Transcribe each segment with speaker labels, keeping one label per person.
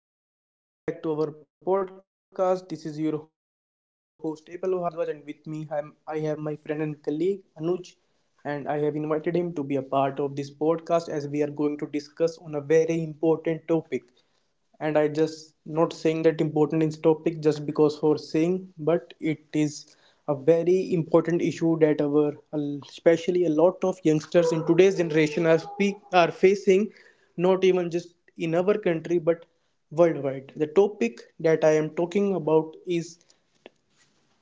Speaker 1: welcome back to our podcast. This is your host, Apple Bhardwaj, and with me I have my friend and colleague Anuj, and I have invited him to be a part of this podcast as we are going to discuss on a very important topic. And I just, not saying that important is topic just because for saying, but it is a very important issue that our, especially a lot of youngsters in today's generation, are speak are facing, not even just in our country but worldwide. The topic that I am talking about is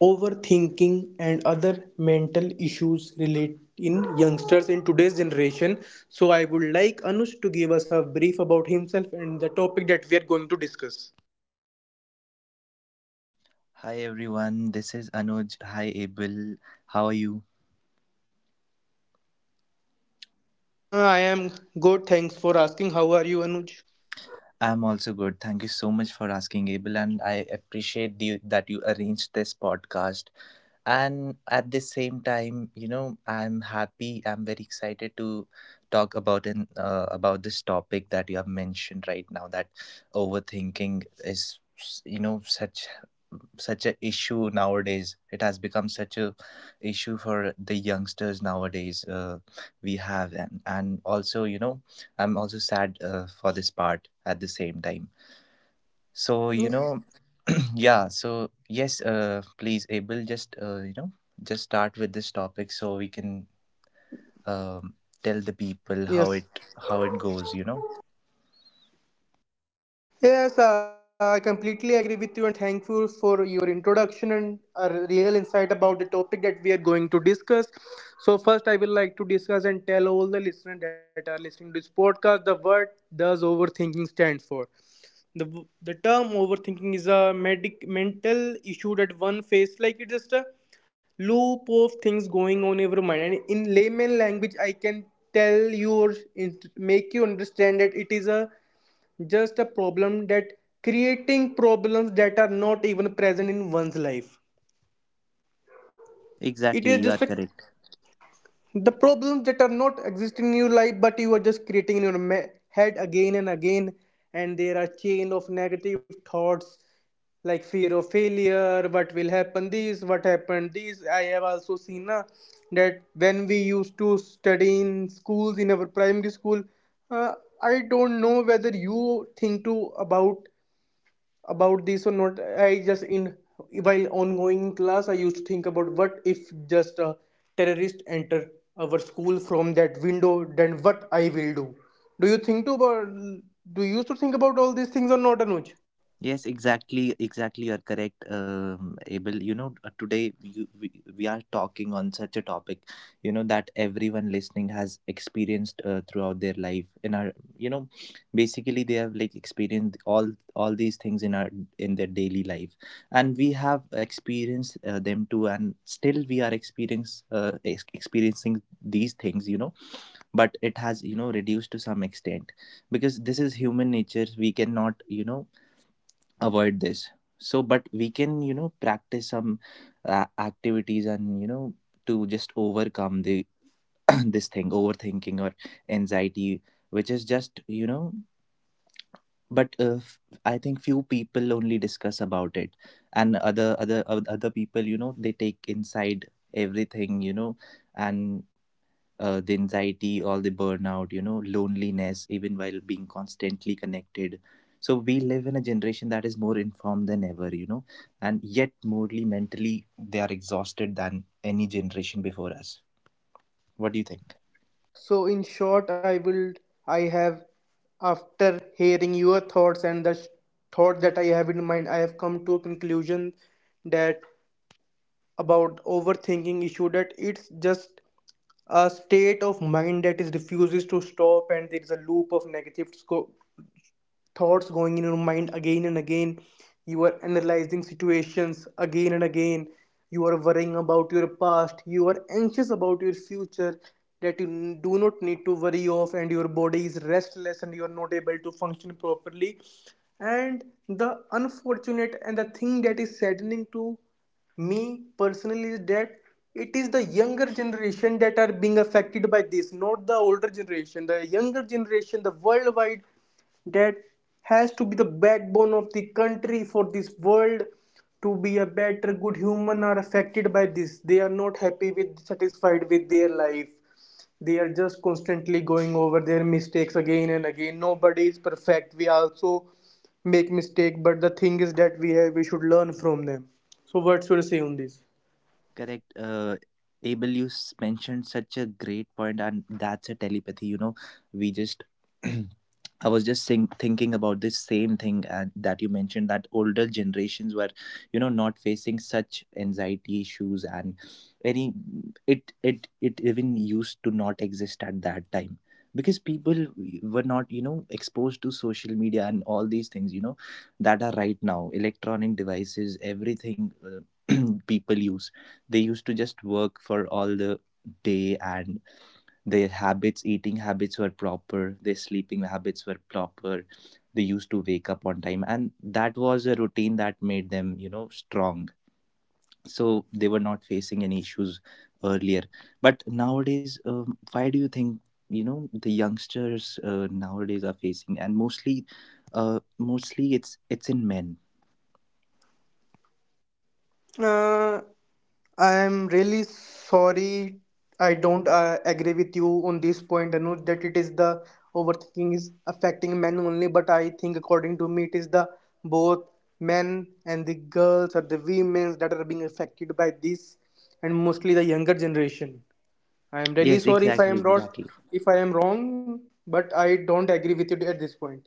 Speaker 1: overthinking and other mental issues relate in youngsters in today's generation. So I would like Anush to give us a brief about himself and the topic that we are going to discuss.
Speaker 2: Hi everyone, this is Anuj. Hi Abel, how are you?
Speaker 1: I am good. Thanks for asking. How are you, Anuj?
Speaker 2: I'm also good. Thank you so much for asking, Abel, and I appreciate you that you arranged this podcast. And at the same time, you know, I'm happy. I'm very excited to talk about and about this topic that you have mentioned right now. That overthinking is, you know, such a issue nowadays. It has become such a issue for the youngsters nowadays, we have and also, you know, I'm also sad, for this part at the same time. So you know, yeah, so yes, please Abel, just you know, just start with this topic so we can, um, tell the people
Speaker 1: Yes.
Speaker 2: how it goes, you know.
Speaker 1: Yes, I completely agree with you and thankful for your introduction and a real insight about the topic that we are going to discuss. So first I will like to discuss and tell all the listeners that are listening to this podcast the word does overthinking stands for. the the term overthinking is a medic mental issue that one face, like it's just a loop of things going on in your mind. And in layman language, I can tell you or make you understand that it is a just a problem, that creating problems that are not even present in one's life. It is
Speaker 2: Exactly, you
Speaker 1: just
Speaker 2: are
Speaker 1: a,
Speaker 2: correct.
Speaker 1: the problems that are not existing in your life, but you are just creating in your head again and again. And there are chain of negative thoughts, like fear of failure, what will happen this, what happened this. I have also seen, na, that when we used to study in schools, in our primary school, uh, I don't know whether you think too about this or not. I just in While ongoing class, I used to think about, what if just a terrorist enter our school from that window, then what I will do? Do you think to about do you used to think about all these things or not, Anuj?
Speaker 2: Yes, exactly, exactly. You're correct, Abel. You know, today we are talking on such a topic, you know, that everyone listening has experienced throughout their life. In our, you know, basically they have like experienced all these things in our in their daily life, and we have experienced them too, and still we are experiencing these things, you know. But it has, you know, reduced to some extent because this is human nature. We cannot, you know, avoid this. So but we can, you know, practice some activities and, you know, to just overcome the this thing, overthinking or anxiety, which is just, you know, but I think few people only discuss about it, and other people, you know, they take inside everything, you know. And the anxiety, all the burnout, you know, loneliness, even while being constantly connected. So we live in a generation that is more informed than ever, you know, and yet morally, mentally, they are exhausted than any generation before us. What do you think?
Speaker 1: So in short, I have, after hearing your thoughts and the thought that I have in mind, I have come to a conclusion that about overthinking issue, that it's just a state of mind that is refuses to stop, and there is a loop of negative thoughts going in your mind again and again. You are analyzing situations again and again. You are worrying about your past, you are anxious about your future, that you do not need to worry of, and your body is restless and you are not able to function properly. And the unfortunate and the thing that is saddening to me personally is that it is the younger generation that are being affected by this, not the older generation, the younger generation, the worldwide, that has to be the backbone of the country, for this world to be a better good human, are affected by this. They are not happy with, satisfied with their life. They are just constantly going over their mistakes again and again. Nobody is perfect. We also make mistake, but the thing is that we should learn from them. So what's your say on this?
Speaker 2: Correct. Abel, you mentioned such a great point, and that's a telepathy. You know, we just. I was just thinking about this same thing, and that you mentioned that older generations were, you know, not facing such anxiety issues and any. It even used to not exist at that time because people were not, you know, exposed to social media and all these things, you know, that are right now. Electronic devices, everything, people use they used to just work for all the day, and their habits, eating habits were proper, their sleeping habits were proper. They used to wake up on time, and that was a routine that made them, you know, strong. So they were not facing any issues earlier. But nowadays, why do you think, you know, the youngsters, nowadays are facing, and mostly mostly it's in men.
Speaker 1: uh, I'm really sorry. I don't agree with you on this point, Anuj, that it is the overthinking is affecting men only, but I think, according to me, it is the both men and the girls or the women that are being affected by this, and mostly the younger generation. I am really
Speaker 2: Yes,
Speaker 1: sorry if I
Speaker 2: exactly,
Speaker 1: am wrong,
Speaker 2: exactly.
Speaker 1: if I am wrong, but I don't agree with you at this point.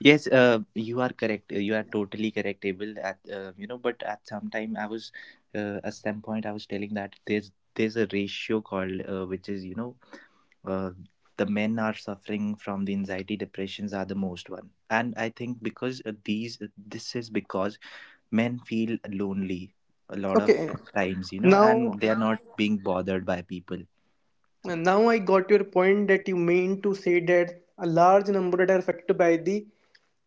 Speaker 2: Yes, you are correct. You are totally correct, Abel. At you know, but at some time at some point I was telling that there's a ratio called, which is, you know, uh, the men are suffering from the anxiety depressions are the most one, and I think because these this is because men feel lonely a lot of
Speaker 1: Okay,
Speaker 2: times, you know,
Speaker 1: now.
Speaker 2: and they are not being bothered by people.
Speaker 1: And now I got your point, that you mean to say that a large number that are affected by the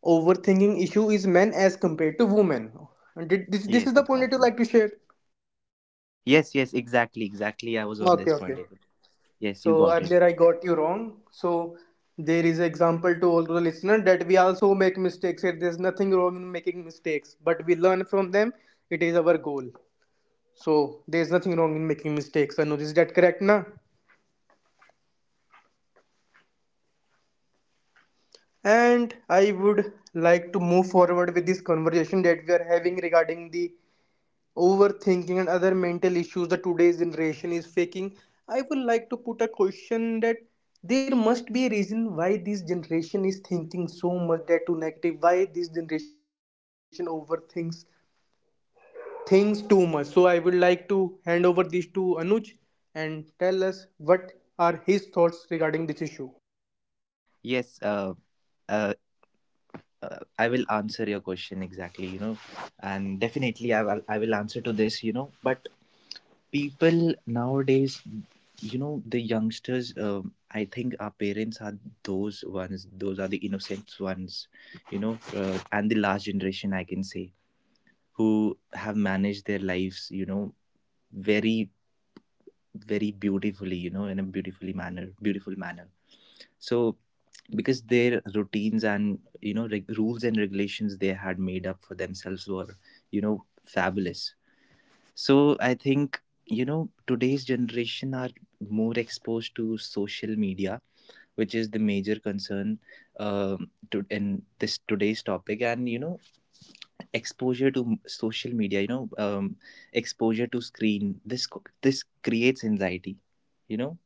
Speaker 1: overthinking issue is men as compared to women. And did, this is
Speaker 2: Yes,
Speaker 1: the point that you
Speaker 2: exactly.
Speaker 1: like to share.
Speaker 2: Yes, yes, exactly, exactly. I was on
Speaker 1: Okay,
Speaker 2: this
Speaker 1: okay.
Speaker 2: point, Abel. Yes, you
Speaker 1: So
Speaker 2: got it.
Speaker 1: earlier I got you wrong. So there is example to all the listener that we also make mistakes, that there's nothing wrong in making mistakes, but we learn from them. It is our goal. So there's nothing wrong in making mistakes. Anuj, is that correct, na?
Speaker 2: Correct, correct, Abel. And like I would, you know, Abel,
Speaker 1: And
Speaker 2: what
Speaker 1: I
Speaker 2: what do you
Speaker 1: would
Speaker 2: think?
Speaker 1: like to
Speaker 2: Yeah.
Speaker 1: move forward with this conversation that we are having regarding the overthinking and other mental issues that today's generation is faking. I would like to put a question, that there must be a reason why this generation is thinking so much, that too negative, why this generation overthinks things too much. So I would like to hand over this to Anuj and tell us what are his thoughts regarding this issue.
Speaker 2: Yes. Uh, I will answer your question exactly. You know, and definitely I will answer to this. You know, but people nowadays, you know, the youngsters. I think our parents are those ones. Those are the innocent ones. You know, and the last generation, I can say, who have managed their lives. You know, very very beautifully, you know, in a beautiful manner. So because their routines and, you know, rules and regulations they had made up for themselves were, you know, fabulous. So I think, you know, today's generation are more exposed to social media, which is the major concern in this today's topic. And you know, exposure to social media, you know, exposure to screen, this this creates anxiety, you know.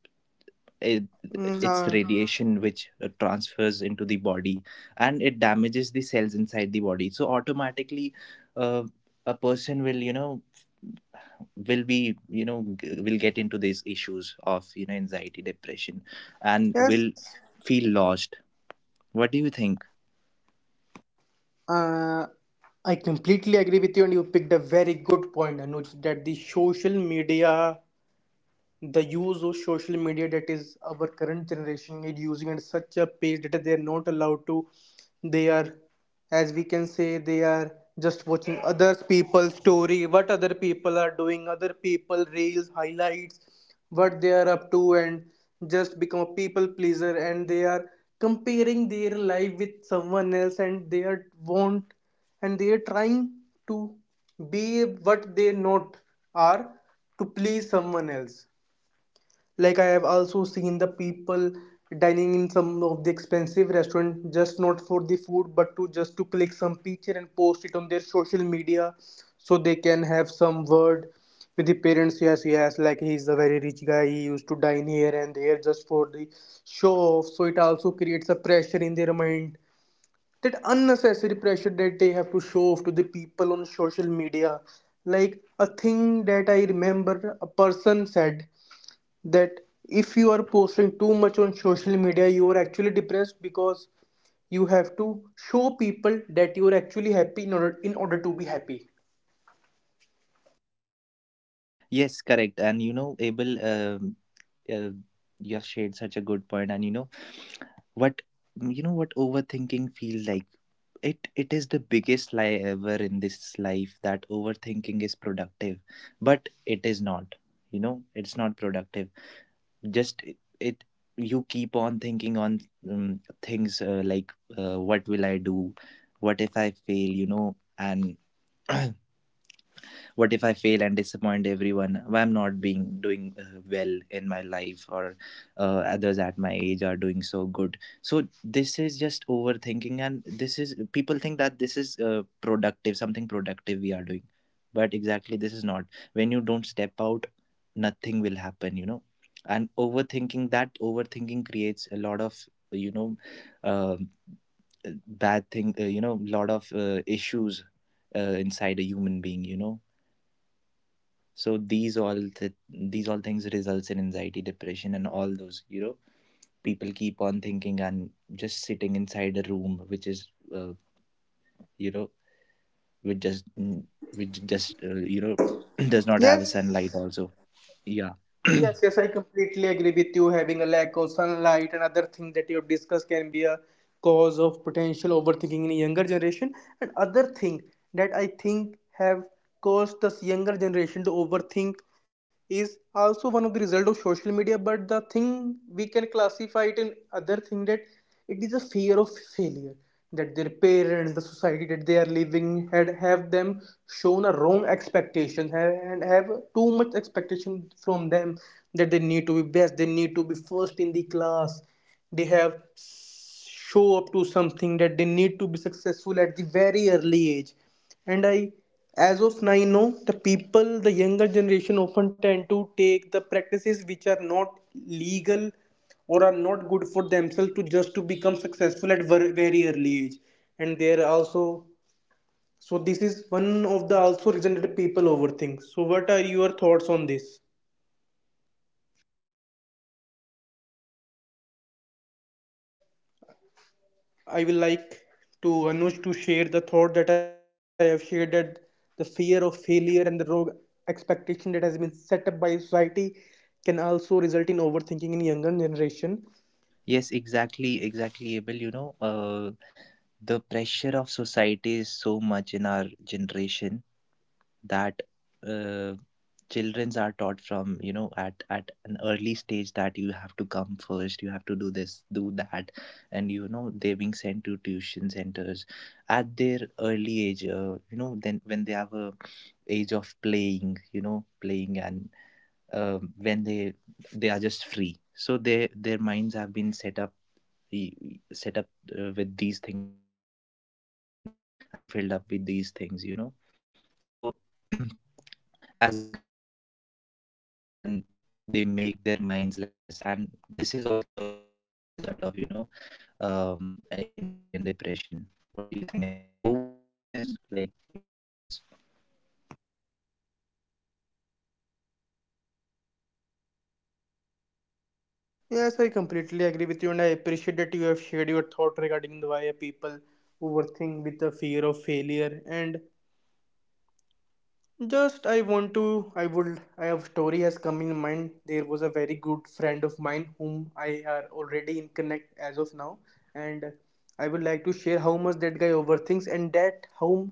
Speaker 2: it,
Speaker 1: Mm,
Speaker 2: it's the
Speaker 1: uh,
Speaker 2: radiation which transfers into the body, and it damages the cells inside the body. So automatically, uh, a person will, you know, will be, you know, will get into these issues of, you know, anxiety, depression, and will
Speaker 1: yes.
Speaker 2: feel lost. What do you think?
Speaker 1: Uh, I completely agree with you, and you picked a very good point, Anuj, that the social media, the use of social media that is our current generation is using at such a pace that they are not allowed to, they are, as we can say, they are just watching other people's story, what other people are doing, other people reels highlights, what they are up to. And just become a people pleaser, and they are comparing their life with someone else, and they are trying to be what they not are, to please someone else. Like, I have also seen the people dining in some of the expensive restaurant, just not for the food, but to just to click some picture and post it on their social media, so they can have some word with the parents, yes yes, like he is a very rich guy, he used to dine here and there just for the show off. So it also creates a pressure in their mind, that unnecessary pressure that they have to show off to the people on social media. Like a thing that I remember a person said, that if you are posting too much on social media, you are actually depressed, because you have to show people that you are actually happy, in order to be happy.
Speaker 2: Yes, correct. And you know, Abel, uh, you have shared such a good point. And you know what, you know, what overthinking feels like. It is the biggest lie ever in this life that overthinking is productive, but it is not, you know. It's not productive. Just it you keep on thinking on, things like, what will I do, what if I fail, you know, and what if I fail and disappoint everyone, why I'm not being doing, well in my life, or, others at my age are doing so good. So this is just overthinking, and this is people think that this is, productive, something productive we are doing, but exactly this is not. When you don't step out, nothing will happen, you know. And overthinking, that overthinking creates a lot of, you know, um, bad thing, you know, lot of issues inside a human being, you know. So these these all things results in anxiety, depression, and all those, you know. People keep on thinking and just sitting inside a room, which is, uh, you know, which just, which just, you know, does not have a sunlight
Speaker 1: Yes.
Speaker 2: also. Yeah.
Speaker 1: Yes, yes, I completely agree with you. Having a lack of sunlight and other things that you have discussed can be a cause of potential overthinking in younger generation. And other thing that I think have caused this younger generation to overthink is also one of the result of social media. But the thing we can classify it in other thing, that it is a fear of failure, that their parents, the society that they are living, had have them shown a wrong expectation and have too much expectation from them, that they need to be best, they need to be first in the class. They have show up to something, that they need to be successful at the very early age. And I, as of now, I know the people, the younger generation often tend to take the practices which are not legal or are not good for themselves, to just to become successful at very early age. And there are also, so this is one of the also reason that people overthink. So what are your thoughts on this?
Speaker 2: Exactly, and you mentioned such a great point, you know, Abel, that uh, our parents,
Speaker 1: I
Speaker 2: you
Speaker 1: will
Speaker 2: know.
Speaker 1: like to Anuj to
Speaker 2: Yeah.
Speaker 1: share the thought that I have shared, that the fear of failure and the rogue expectation that has been set up by society can also result in overthinking in younger generation.
Speaker 2: Yes, exactly, exactly, Abel. You know, the pressure of society is so much in our generation that, uh, childrens are taught from, you know, at an early stage, that you have to come first, you have to do this, do that. And you know, they're being sent to tuition centers at their early age, you know, then when they have a age of playing, you know, playing and, when they are just free, so they their minds have been set up with these things, you know, and filled up with these things, you know. So as they grow up, they grow up, you know, and they make their minds like this, and this is also a major result of, you know, anxiety and depression. What do you think? And overthinking is like, you know, the major role in this.
Speaker 1: Yes, I completely agree with you, and I appreciate that you have shared your thought regarding the why people overthink with the fear of failure. And just I want to I would I have story has come in mind. There was a very good friend of mine whom I are already in connect as of now, and I would like to share how much that guy overthinks, and that how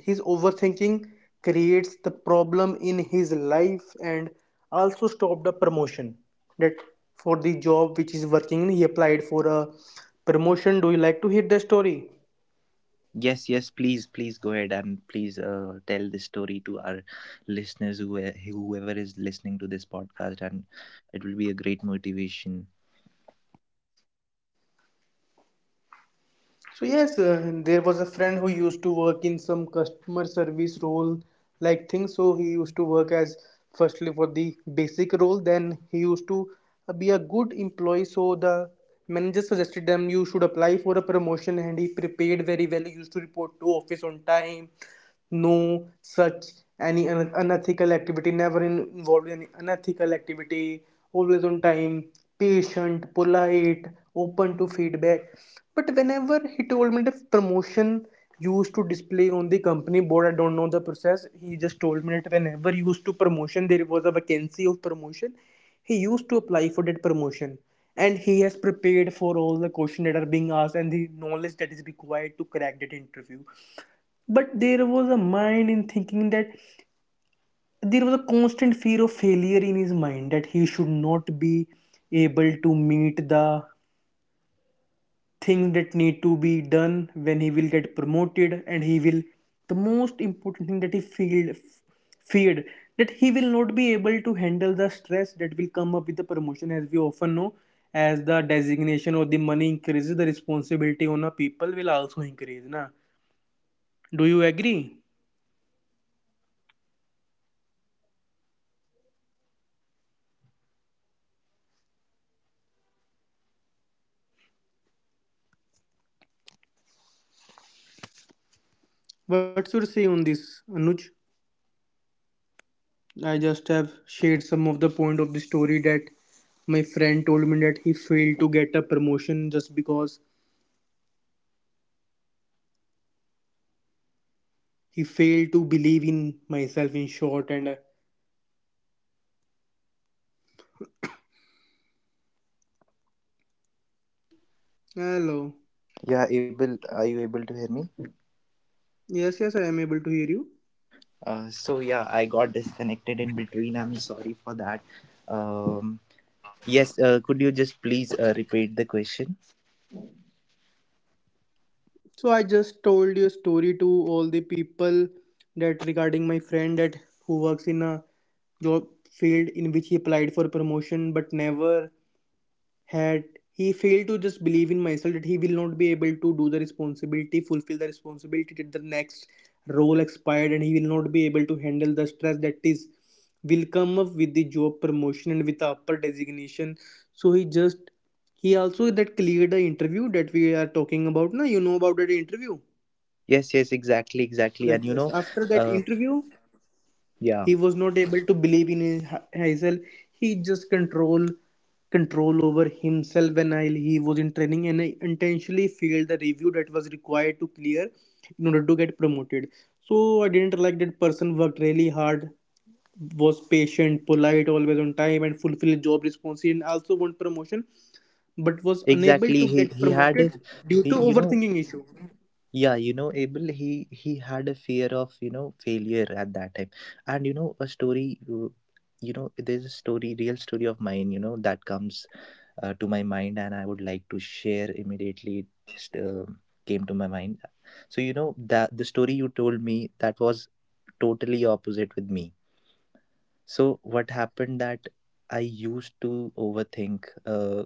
Speaker 1: his overthinking creates the problem in his life, and also stopped a promotion that, for the job which is working, he applied for a promotion. Do you like to hear the story?
Speaker 2: Yes, yes, please, please go ahead and please tell this story to our listeners who, whoever is listening to this podcast, and it will be a great motivation.
Speaker 1: So yes, there was a friend who used to work in some customer service role like thing. So he used to work as, firstly, for the basic role. Then he used to be a good employee. So the manager suggested them, you should apply for a promotion, and he prepared very well. He used to report to office on time, no such any unethical activity, never involved in unethical activity, always on time, patient, polite, open to feedback. But whenever he told me, the promotion used to display on the company board. I don't know the process, he just told me that whenever used to promotion there was a vacancy of promotion, he used to apply for that promotion, and he has prepared for all the questions that are being asked and the knowledge that is required to crack that interview. But there was a mind in thinking that there was a constant fear of failure in his mind, that he should not be able to meet the things that need to be done when he will get promoted. And he will, the most important thing that he feared, feared that he will not be able to handle the stress that will come up with the promotion, as we often know, as the designation or the money increases, the responsibility on a people will also increase, na. Do you agree? What's your say on this, Anuj? I just have shared some of the point of the story that my friend told me, that he failed to get a promotion just because he failed to believe in myself, in short. And hello?
Speaker 3: Yeah, able. Are you able to hear me?
Speaker 1: Yes, yes, I am able to hear you.
Speaker 3: So yeah, I got disconnected in between. I'm sorry for that. Um, yes. Could you just please repeat the question?
Speaker 1: So I just told you a story to all the people, that regarding my friend, that who works in a job field, in which he applied for promotion but never had, he failed to just believe in myself, that he will not be able to do the responsibility, fulfill the responsibility till the next role expired, and he will not be able to handle the stress that is, will come up with the job promotion and with the upper designation. So he just, he also that cleared the interview that we are talking about. Now you know about that interview,
Speaker 3: Yes. Yes. Exactly. Exactly.
Speaker 1: that yes, after that
Speaker 3: Uh,
Speaker 1: interview
Speaker 3: yeah.
Speaker 1: he was not able to believe in himself. He just control over himself. When I, he was in training and I intentionally failed the review that was required to clear in order to get promoted. So I didn't like that person, worked really hard, was patient, polite, always on time and fulfilled job responsibility and also want promotion, but was unable
Speaker 3: Exactly.
Speaker 1: to
Speaker 3: He
Speaker 1: get
Speaker 3: he had
Speaker 1: promoted
Speaker 3: a
Speaker 1: due
Speaker 3: he.
Speaker 1: to overthinking issue.
Speaker 3: Yeah. Abel. He had a fear of failure at that time. A story. There's a story, real story of mine, that comes to my mind, and I would like to share immediately, it just came to my mind. So that the story you told me, that was totally opposite with me. So what happened that I used to overthink,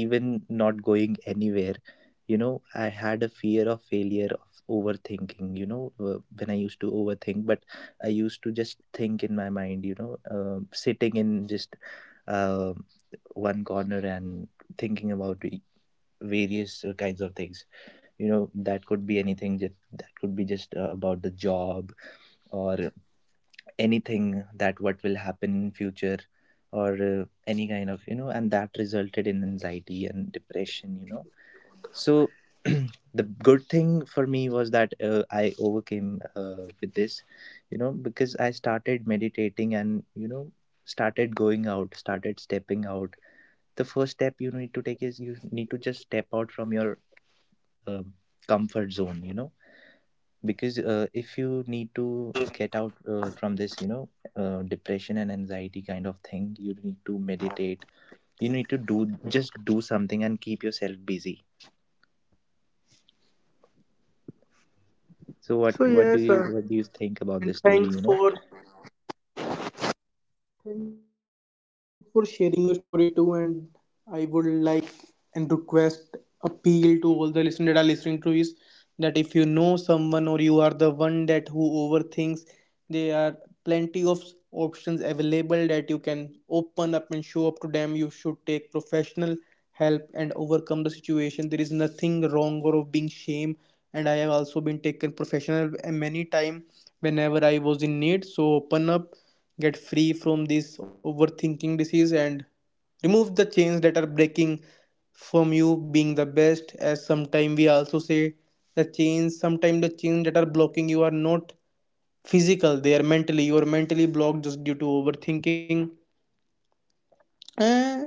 Speaker 3: even not going anywhere. I had a fear of failure of overthinking, when I used to overthink, but I used to just think in my mind, sitting in just uh, one corner and thinking about various kinds of things. That could be anything, just that could be just about the job, or anything that what will happen in future, or any kind of, and that resulted in anxiety and depression, so the good thing for me was that I overcame, with this, because I started meditating, and started going out, started stepping out. The first step you need to take is you need to just step out from your um comfort zone, because if you need to get out from this, depression and anxiety kind of thing, you need to meditate, you need to do just do something and keep yourself busy. So
Speaker 1: So yes,
Speaker 3: what do you think about
Speaker 1: and
Speaker 3: this story
Speaker 1: thanks
Speaker 3: you know
Speaker 1: for Thanks for sharing your story too. And I would like and request, appeal to all the listeners that are listening to is, that if you know someone or you are the one that who overthinks, there are plenty of options available that you can open up and show up to them. You should take professional help and overcome the situation. There is nothing wrong or of being shame. And I have also been taken professional many time whenever I was in need. So open up, get free from this overthinking disease and remove the chains that are breaking from you being the best. As sometime we also say, the chains, sometimes the chains that are blocking you are not physical, they are mentally, you are mentally blocked just due to overthinking. And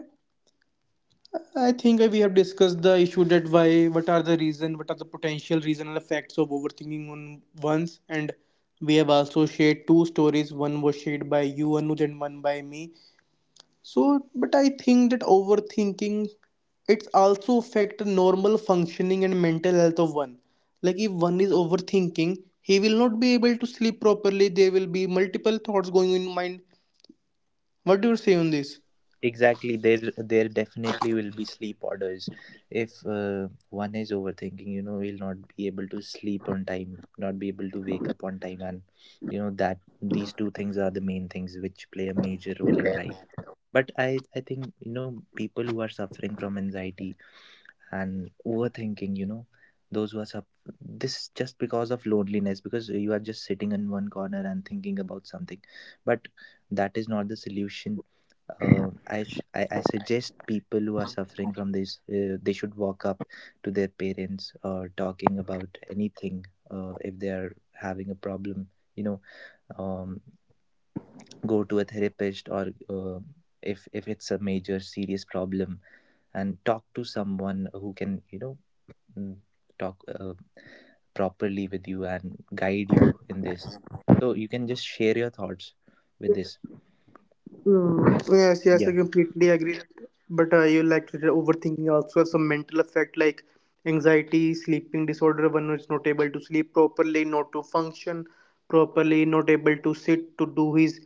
Speaker 1: I think we have discussed the issue that why, what are the reason, what are the potential reasonal effects of overthinking on ones. And we have also shared two stories, one was shared by you, Anuj, and one by me. So, but I think that overthinking, it's also affect normal functioning and mental health of one. Like if one is overthinking, he will not be able to sleep properly. There will be multiple thoughts going in mind. What do you say on this?
Speaker 3: Exactly, there definitely will be sleep orders if one is overthinking, will not be able to sleep on time, not be able to wake up on time, and that these two things are the main things which play a major role in life. But I think, people who are suffering from anxiety and overthinking, those who are suff this is just because of loneliness, because you are just sitting in one corner and thinking about something. But that is not the solution. Uh, I, sh- I I suggest people who are suffering from this, they should walk up to their parents, or talking about anything if they are having a problem, you know um, go to a therapist, or if it's a major serious problem, and talk to someone who can, mm, talk properly with you and guide you in this. So you can just share your thoughts with this.
Speaker 1: Mm, yes, yes, I
Speaker 3: Yeah.
Speaker 1: completely agree. But you like that overthinking also has some mental effect like anxiety, sleeping disorder, one is not able to sleep properly, not to function properly, not able to sit to do his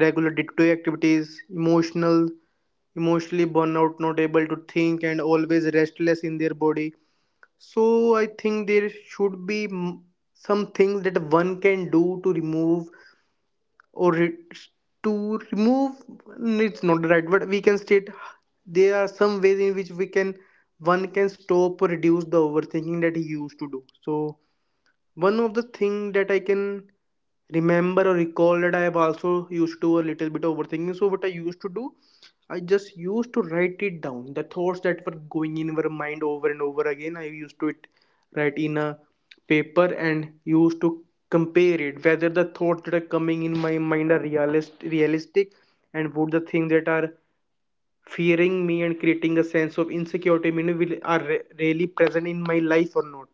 Speaker 1: regular day-to-day activities, emotional, emotionally burn out, not able to think, and always restless in their body. So I think there should be, some things that one can do to remove, or it's to remove, it's not the right word we can state. There are some ways in which we can, one can stop or reduce the overthinking that he used to do. So one of the thing that I can remember or recall, that I have also used to do a little bit of overthinking. So what I used to do, I just used to write it down. The thoughts that were going in my mind over and over again, I used to it write in a paper and used to compare it whether the thoughts that are coming in my mind are realistic, and would the things that are fearing me and creating a sense of insecurity in me will are really present in my life or not.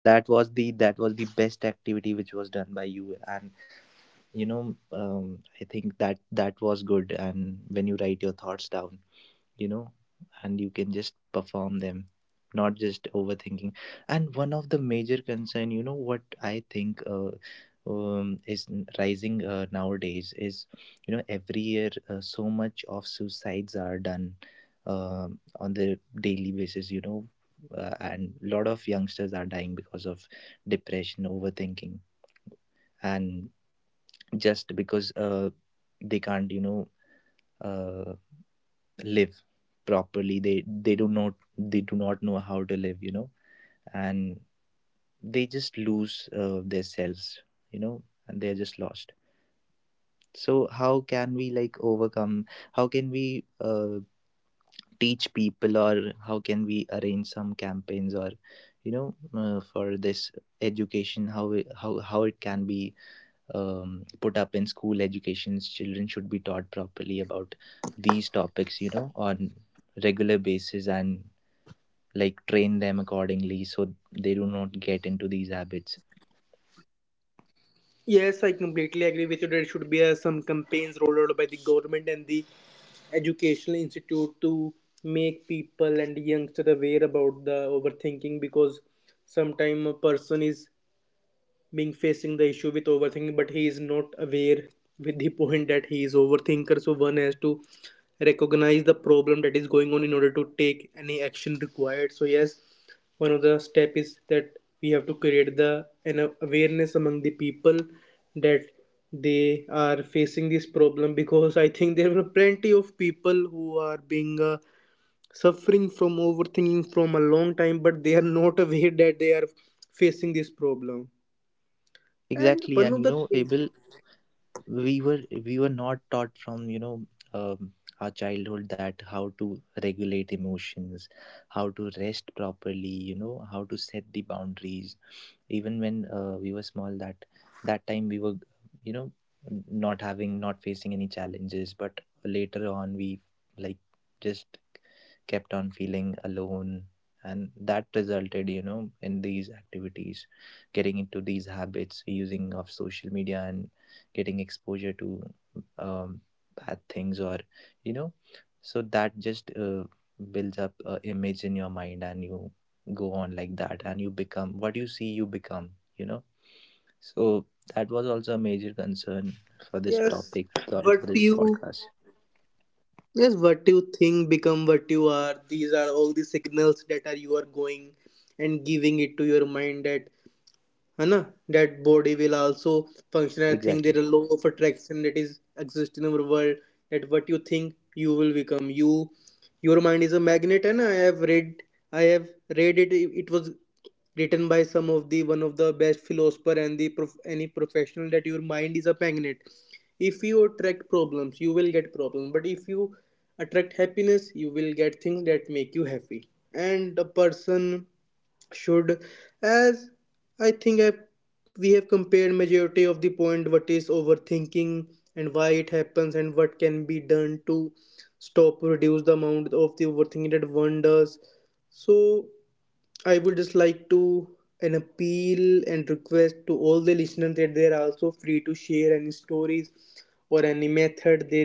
Speaker 3: That was the best activity which was done by you, and I think that that was good, and when you write your thoughts down, you know and you can just perform them, not just overthinking. And one of the major concern, what I think, is rising, nowadays, is, every year so much of suicides are done on the daily basis, and a lot of youngsters are dying because of depression, overthinking, and just because they can't, uh, live properly. They do not, they do not know how to live, and they just lose their selves, you know and they're just lost. So how can we like, overcome? How can we teach people, or how can we arrange some campaigns, or for this education, how it can be put up in school educations? Children should be taught properly about these topics, on regular basis, and like train them accordingly so they do not get into these habits.
Speaker 1: Yes, I completely agree with you. There should be some campaigns rolled out by the government and the educational institute to make people and youngsters aware about the overthinking, because sometimes a person is being facing the issue with overthinking but he is not aware with the point that he is overthinker. So one has to recognize the problem that is going on in order to take any action required. So yes, one of the step is that we have to create the an awareness among the people that they are facing this problem, because I think there were plenty of people who are being suffering from overthinking from a long time but they are not aware that they are facing this problem. And
Speaker 3: Exactly,
Speaker 1: one
Speaker 3: and,
Speaker 1: of the things,
Speaker 3: Abel, we were not taught from, um, our childhood, that how to regulate emotions, how to rest properly, how to set the boundaries. Even when we were small, that that time we were, you know not having, not facing any challenges, but later on we, like, just kept on feeling alone, and that resulted, in these activities, getting into these habits, using of social media, and getting exposure to um, bad things, or, you know so that just builds up a image in your mind, and you go on like that, and you become what you see, you become you know so that was also a major concern for this
Speaker 1: yes,
Speaker 3: topic, for
Speaker 1: what
Speaker 3: this
Speaker 1: you,
Speaker 3: podcast.
Speaker 1: yes, what you think become what you are. These are all the signals that are you are going and giving it to your mind that है na, that body will also function. I think
Speaker 3: Exactly,
Speaker 1: there are law of attraction that is exist in our world, that what you think you will become you. Your mind is a magnet, and I have read, I have read it, it was written by some of the one of the best philosopher and the any professional, that your mind is a magnet. If you attract problems, you will get problems, but if you attract happiness, you will get things that make you happy. And a person should, as I think I, we have compared majority of the point, what is overthinking, and why it happens, and what can be done to stop or reduce the amount of the overthinking that one does. So I would just like to an appeal and request to all the listeners, that they are also free to share any stories or any method they,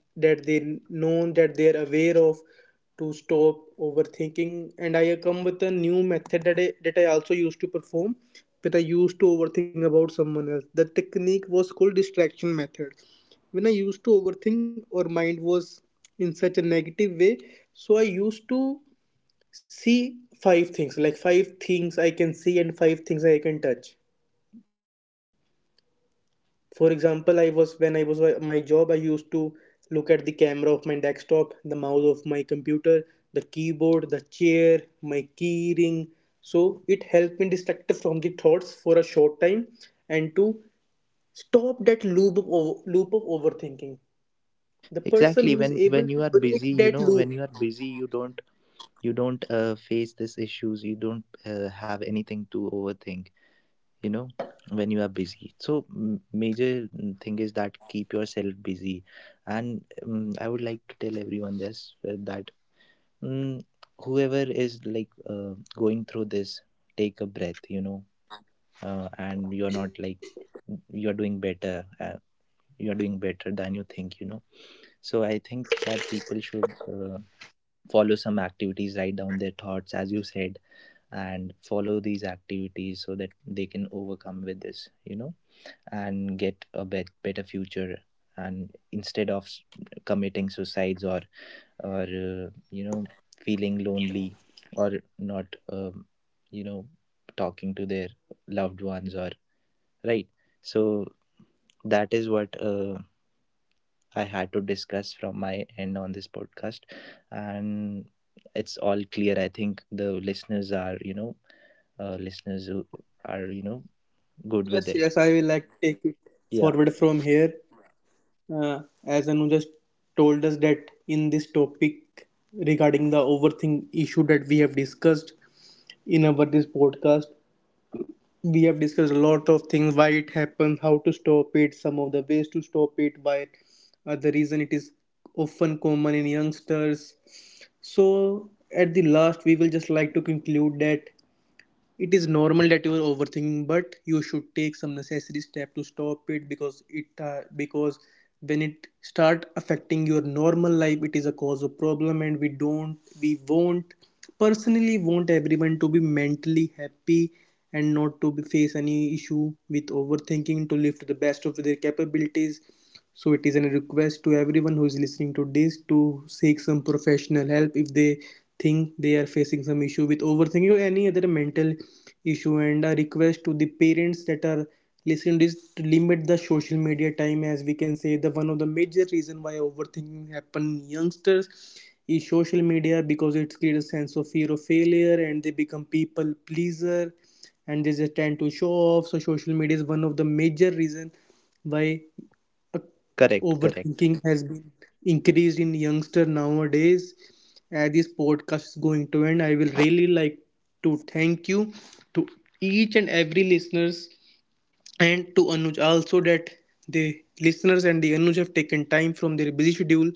Speaker 1: that they know, that they are aware of, to stop overthinking. And I come with a new method that I also used to perform, that I used to overthink about someone else. The technique was called distraction method. When I used to overthink or mind was in such a negative way, so I used to see five things, like five things I can see and five things I can touch. For example, I was, when I was at my job, I used to look at the camera of my desktop, the mouse of my computer, the keyboard, the chair, my key ring. So it helped me distract from the thoughts for a short time, and to stop that loop of loop of overthinking. The person
Speaker 3: exactly.
Speaker 1: who
Speaker 3: when
Speaker 1: is
Speaker 3: when
Speaker 1: able
Speaker 3: you
Speaker 1: to
Speaker 3: are busy,
Speaker 1: break that
Speaker 3: when you
Speaker 1: loop,
Speaker 3: are busy, you don't, you don't face these issues, you don't have anything to overthink, you know when you are busy, so major thing is that keep yourself busy. And I would like to tell everyone this, that Mm, whoever is like, going through this, take a breath, and you're not like, you're doing better. You're doing better than you think. So I think that people should follow some activities, write down their thoughts, as you said, and follow these activities so that they can overcome with this, and get a better future. And instead of committing suicides, or feeling lonely, or not, um, you know talking to their loved ones, or right, so that is what I had to discuss from my end on this podcast, and it's all clear. I think the listeners are, listeners who are, good
Speaker 1: yes,
Speaker 3: with it.
Speaker 1: yes, I will like take it
Speaker 3: Yeah.
Speaker 1: forward from here. uh, as Anu just told us that, in this topic regarding the overthink issue that we have discussed in our this podcast, we have discussed a lot of things, why it happens, how to stop it, some of the ways to stop it, why the reason it is often common in youngsters. So at the last, we will just like to conclude that it is normal that you are overthinking, but you should take some necessary step to stop it, because it because when it start affecting your normal life, it is a cause of problem, and we won't personally want everyone to be mentally happy and not to be, face any issue with overthinking, to live to the best of their capabilities. So it is a request to everyone who is listening to this to seek some professional help if they think they are facing some issue with overthinking or any other mental issue. And a request to the parents that are listening to this to limit the social media time, as we can say, the one of the major reason why overthinking happen youngsters is social media, because it creates a sense of fear of failure and they become people pleaser, and they just tend to show off. So social media is one of the major reason why uh,
Speaker 3: Correct, correct.
Speaker 1: overthinking has been increased in youngster nowadays. And this podcast is going to end, I will really like to thank you, to each and every listeners, and to Anuj also, that the listeners and the Anuj have taken time from their busy schedule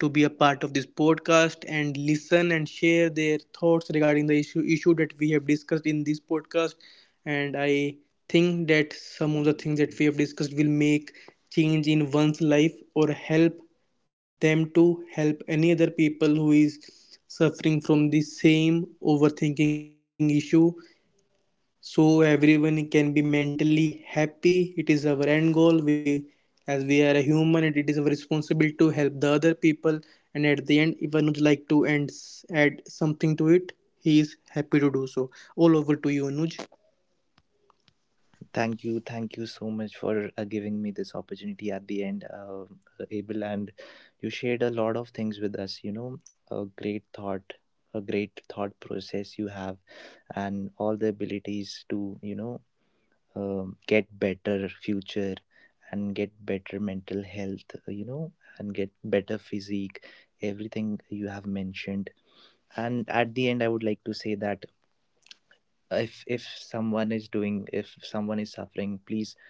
Speaker 1: to be a part of this podcast and listen and share their thoughts regarding the issue that we have discussed in this podcast. And I think that some of the things that we have discussed will make change in one's life or help them to help any other people who is suffering from the same overthinking issue. So everyone can be mentally happy, it is our end goal. We, as we are a human, and it is our responsibility to help the other people. And at the end, if one would like to end, add something to it, he is happy to do so. All over to you, Anuj.
Speaker 3: Thank you so much for giving me this opportunity at the end, Abel. And you shared a lot of things with us. A great thought, a great thought process you have, and all the abilities to, get better future, and get better mental health. And get better physique. Everything you have mentioned. And at the end, I would like to say that if someone is doing, if someone is suffering, please,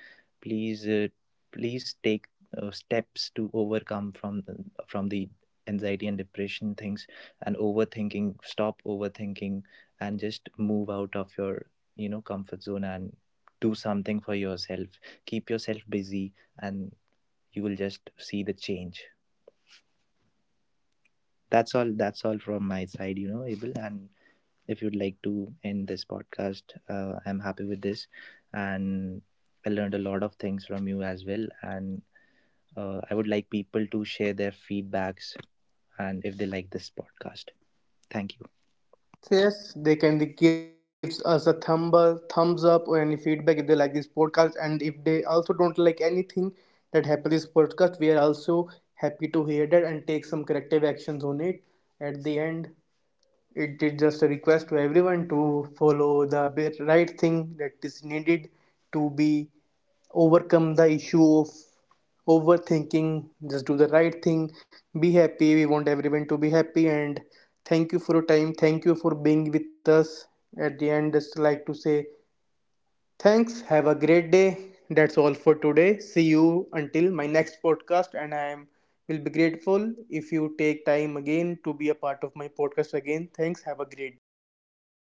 Speaker 3: please please take steps to overcome from the anxiety and depression things, and overthinking, stop overthinking, and just move out of your, comfort zone, and do something for yourself, keep yourself busy, and you will just see the change. That's all, that's all from my side, Abel, and if you'd like to end this podcast, I'm happy with this. And I learned a lot of things from you as well, and I would like people to share their feedbacks, and if they like this podcast. Thank you.
Speaker 1: Yes, they can give us a thumbs up or any feedback if they like this podcast, and if they also don't like anything that happens in this podcast, we are also happy to hear that and take some corrective actions on it. At the end, it is just a request to everyone to follow the right thing that is needed to be overcome the issue of overthinking. Just do the right thing, be happy, we want everyone to be happy. And thank you for your time, thank you for being with us. At the end just like to say, thanks, have a great day. That's all for today. See you until my next podcast, and I am will be grateful if you take time again to be a part of my podcast again. Thanks, have a great day.